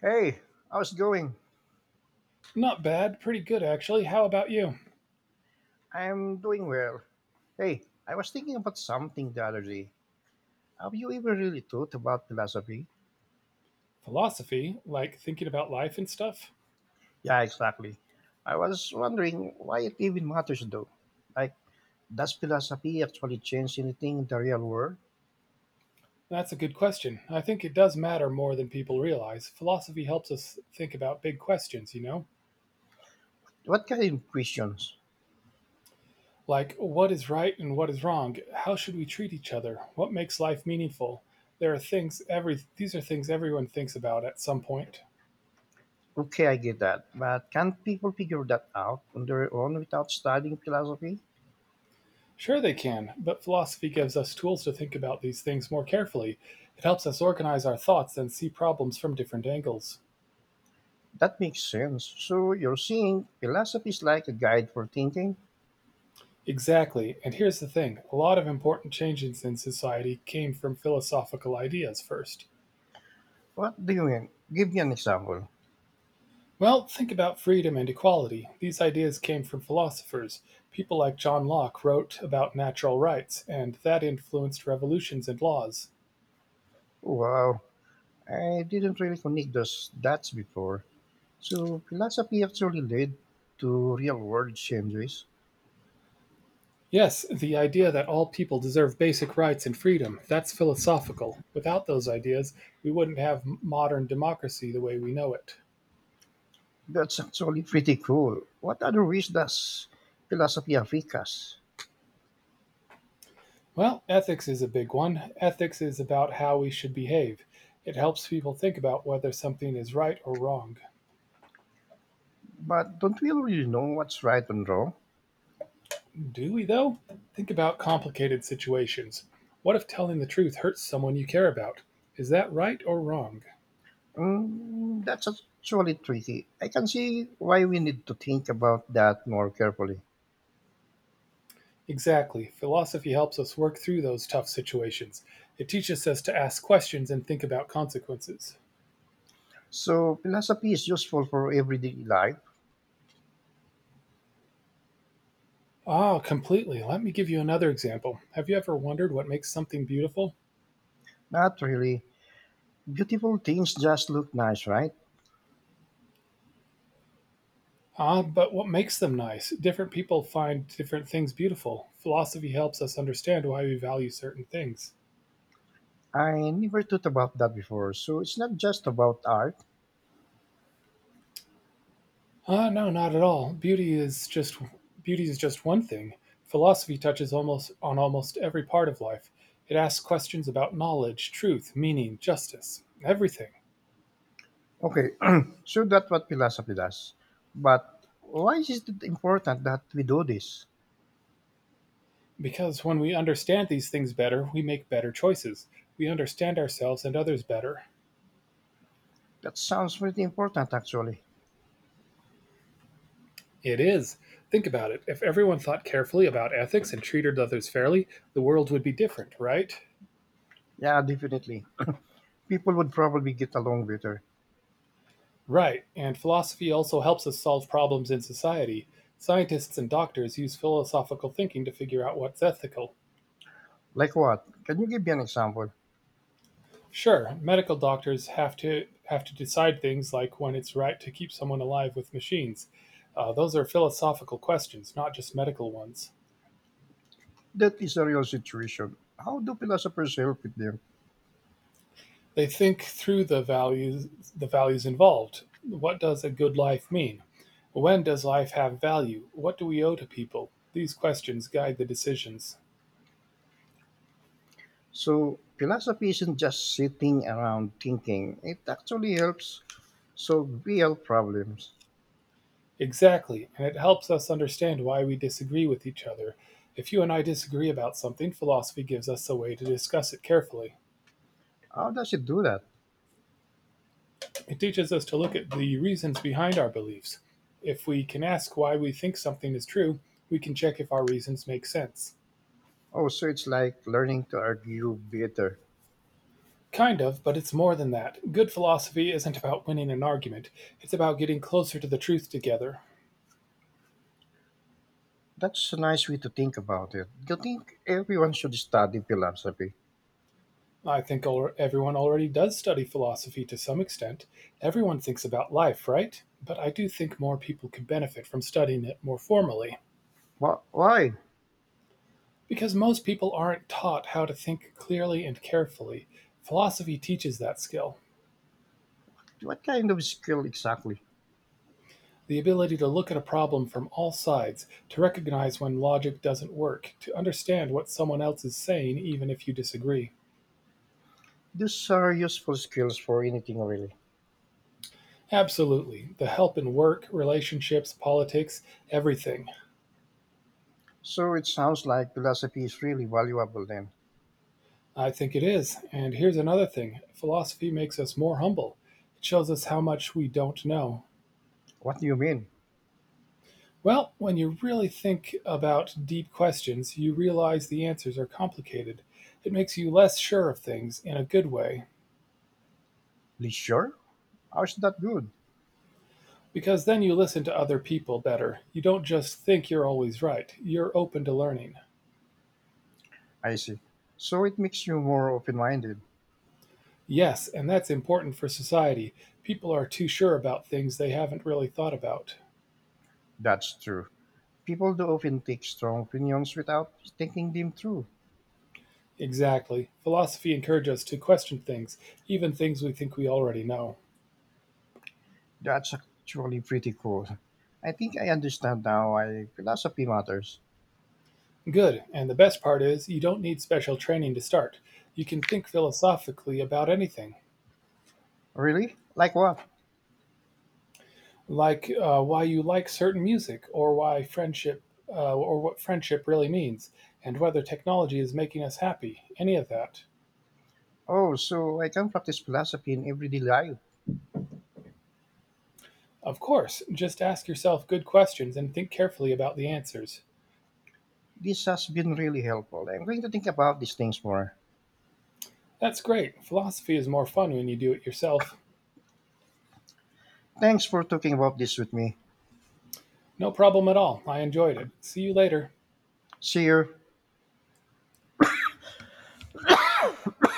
Hey, how's it going? Not bad, pretty good actually. How about you? I'm doing well. Hey, I was thinking about something the other day. Have you ever really thought about philosophy? Philosophy, like thinking about life and stuff? Yeah, exactly. I was wondering why it even matters though. Like, does philosophy actually change anything in the real world? That's a good question. I think it does matter more than people realize. Philosophy helps us think about big questions, you know? What kind of questions? Like what is right and what is wrong? How should we treat each other? What makes life meaningful? There are things every These are things everyone thinks about at some point. Okay, I get that, but can't people figure that out on their own without studying philosophy? Sure they can, but philosophy gives us tools to think about these things more carefully. It helps us organize our thoughts and see problems from different angles. That makes sense. So you're saying philosophy is like a guide for thinking? Exactly, and here's the thing: a lot of important changes in society came from philosophical ideas first. What do you mean? Give me an example. Well, think about freedom and equality. These ideas came from philosophers. People like John Locke wrote about natural rights, and that influenced revolutions and laws. Wow, I didn't really connect those dots before. So philosophy actually led to real world changes. Yes, the idea that all people deserve basic rights and freedom, that's philosophical. Without those ideas, we wouldn't have modern democracy the way we know it. That's actually pretty cool. What other ways does philosophy affect us? Well, ethics is a big one. Ethics is about how we should behave. It helps people think about whether something is right or wrong. But don't we really know what's right and wrong? Do we, though? Think about complicated situations. What if telling the truth hurts someone you care about? Is that right or wrong? Mm, that's actually tricky. I can see why we need to think about that more carefully. Exactly. Philosophy helps us work through those tough situations. It teaches us to ask questions and think about consequences. So philosophy is useful for everyday life. Ah, completely. Let me give you another example. Have you ever wondered what makes something beautiful? Not really. Beautiful things just look nice, right? Ah, but what makes them nice? Different people find different things beautiful. Philosophy helps us understand why we value certain things. I never thought about that before. So it's not just about art. Ah, no, not at all. Beauty is just one thing. Philosophy touches almost every part of life. It asks questions about knowledge, truth, meaning, justice, everything. Okay, so that's what philosophy does. But why is it important that we do this? Because when we understand these things better, we make better choices. We understand ourselves and others better. That sounds pretty important, actually. It is. Think about it. If everyone thought carefully about ethics and treated others fairly, the world would be different, right? Yeah, definitely. People would probably get along better. Right. And philosophy also helps us solve problems in society. Scientists and doctors use philosophical thinking to figure out what's ethical. Like what? Can you give me an example? Sure, medical doctors have to decide things like when it's right to keep someone alive with machines. Those are philosophical questions, not just medical ones. That is a real situation. How do philosophers help with them? They think through the values involved. What does a good life mean? When does life have value? What do we owe to people? These questions guide the decisions. So, philosophy isn't just sitting around thinking, it actually helps solve real problems. Exactly, and it helps us understand why we disagree with each other. If you and I disagree about something, philosophy gives us a way to discuss it carefully. How does it do that? It teaches us to look at the reasons behind our beliefs. If we can ask why we think something is true, we can check if our reasons make sense. Oh, so it's like learning to argue better. Kind of, but it's more than that. Good philosophy isn't about winning an argument, it's about getting closer to the truth together. That's a nice way to think about it. Do you think everyone should study philosophy? Everyone already does study philosophy to some extent. Everyone thinks about life, right? But I do think more people could benefit from studying it more formally. Wha why? Because most people aren't taught how to think clearly and carefully. Philosophy teaches that skill, What kind of skill exactly? the ability to look at a problem from all sides, to recognize when logic doesn't work, to understand what someone else is saying even if you disagree. These are useful skills for anything, really. Absolutely. The help in work, relationships, politics, everything. So it sounds like philosophy is really valuable then. I think it is. And here's another thing: philosophy makes us more humble. It shows us how much we don't know. What do you mean? Well, when you really think about deep questions, you realize the answers are complicated. It makes you less sure of things in a good way, Leisure? How is that good? because then you listen to other people better. You don't just think you're always right, you're open to learning. I see. So it makes you more open minded. Yes, and that's important for society. People are too sure about things they haven't really thought about. That's true. People do often take strong opinions without thinking them through. Exactly. Philosophy encourages us to question things, even things we think we already know. That's actually pretty cool. I think I understand now why philosophy matters. Good, and the best part is you don't need special training to start. You can think philosophically about anything, Really? Like what? like why you like certain music, or what friendship really means, and whether technology is making us happy, any of that. Oh, so I can practice philosophy in everyday life. Of course, just ask yourself good questions and think carefully about the answers. This has been really helpful. I'm going to think about these things more. That's great. Philosophy is more fun when you do it yourself. Thanks for talking about this with me. No problem at all. I enjoyed it. See you later. See you.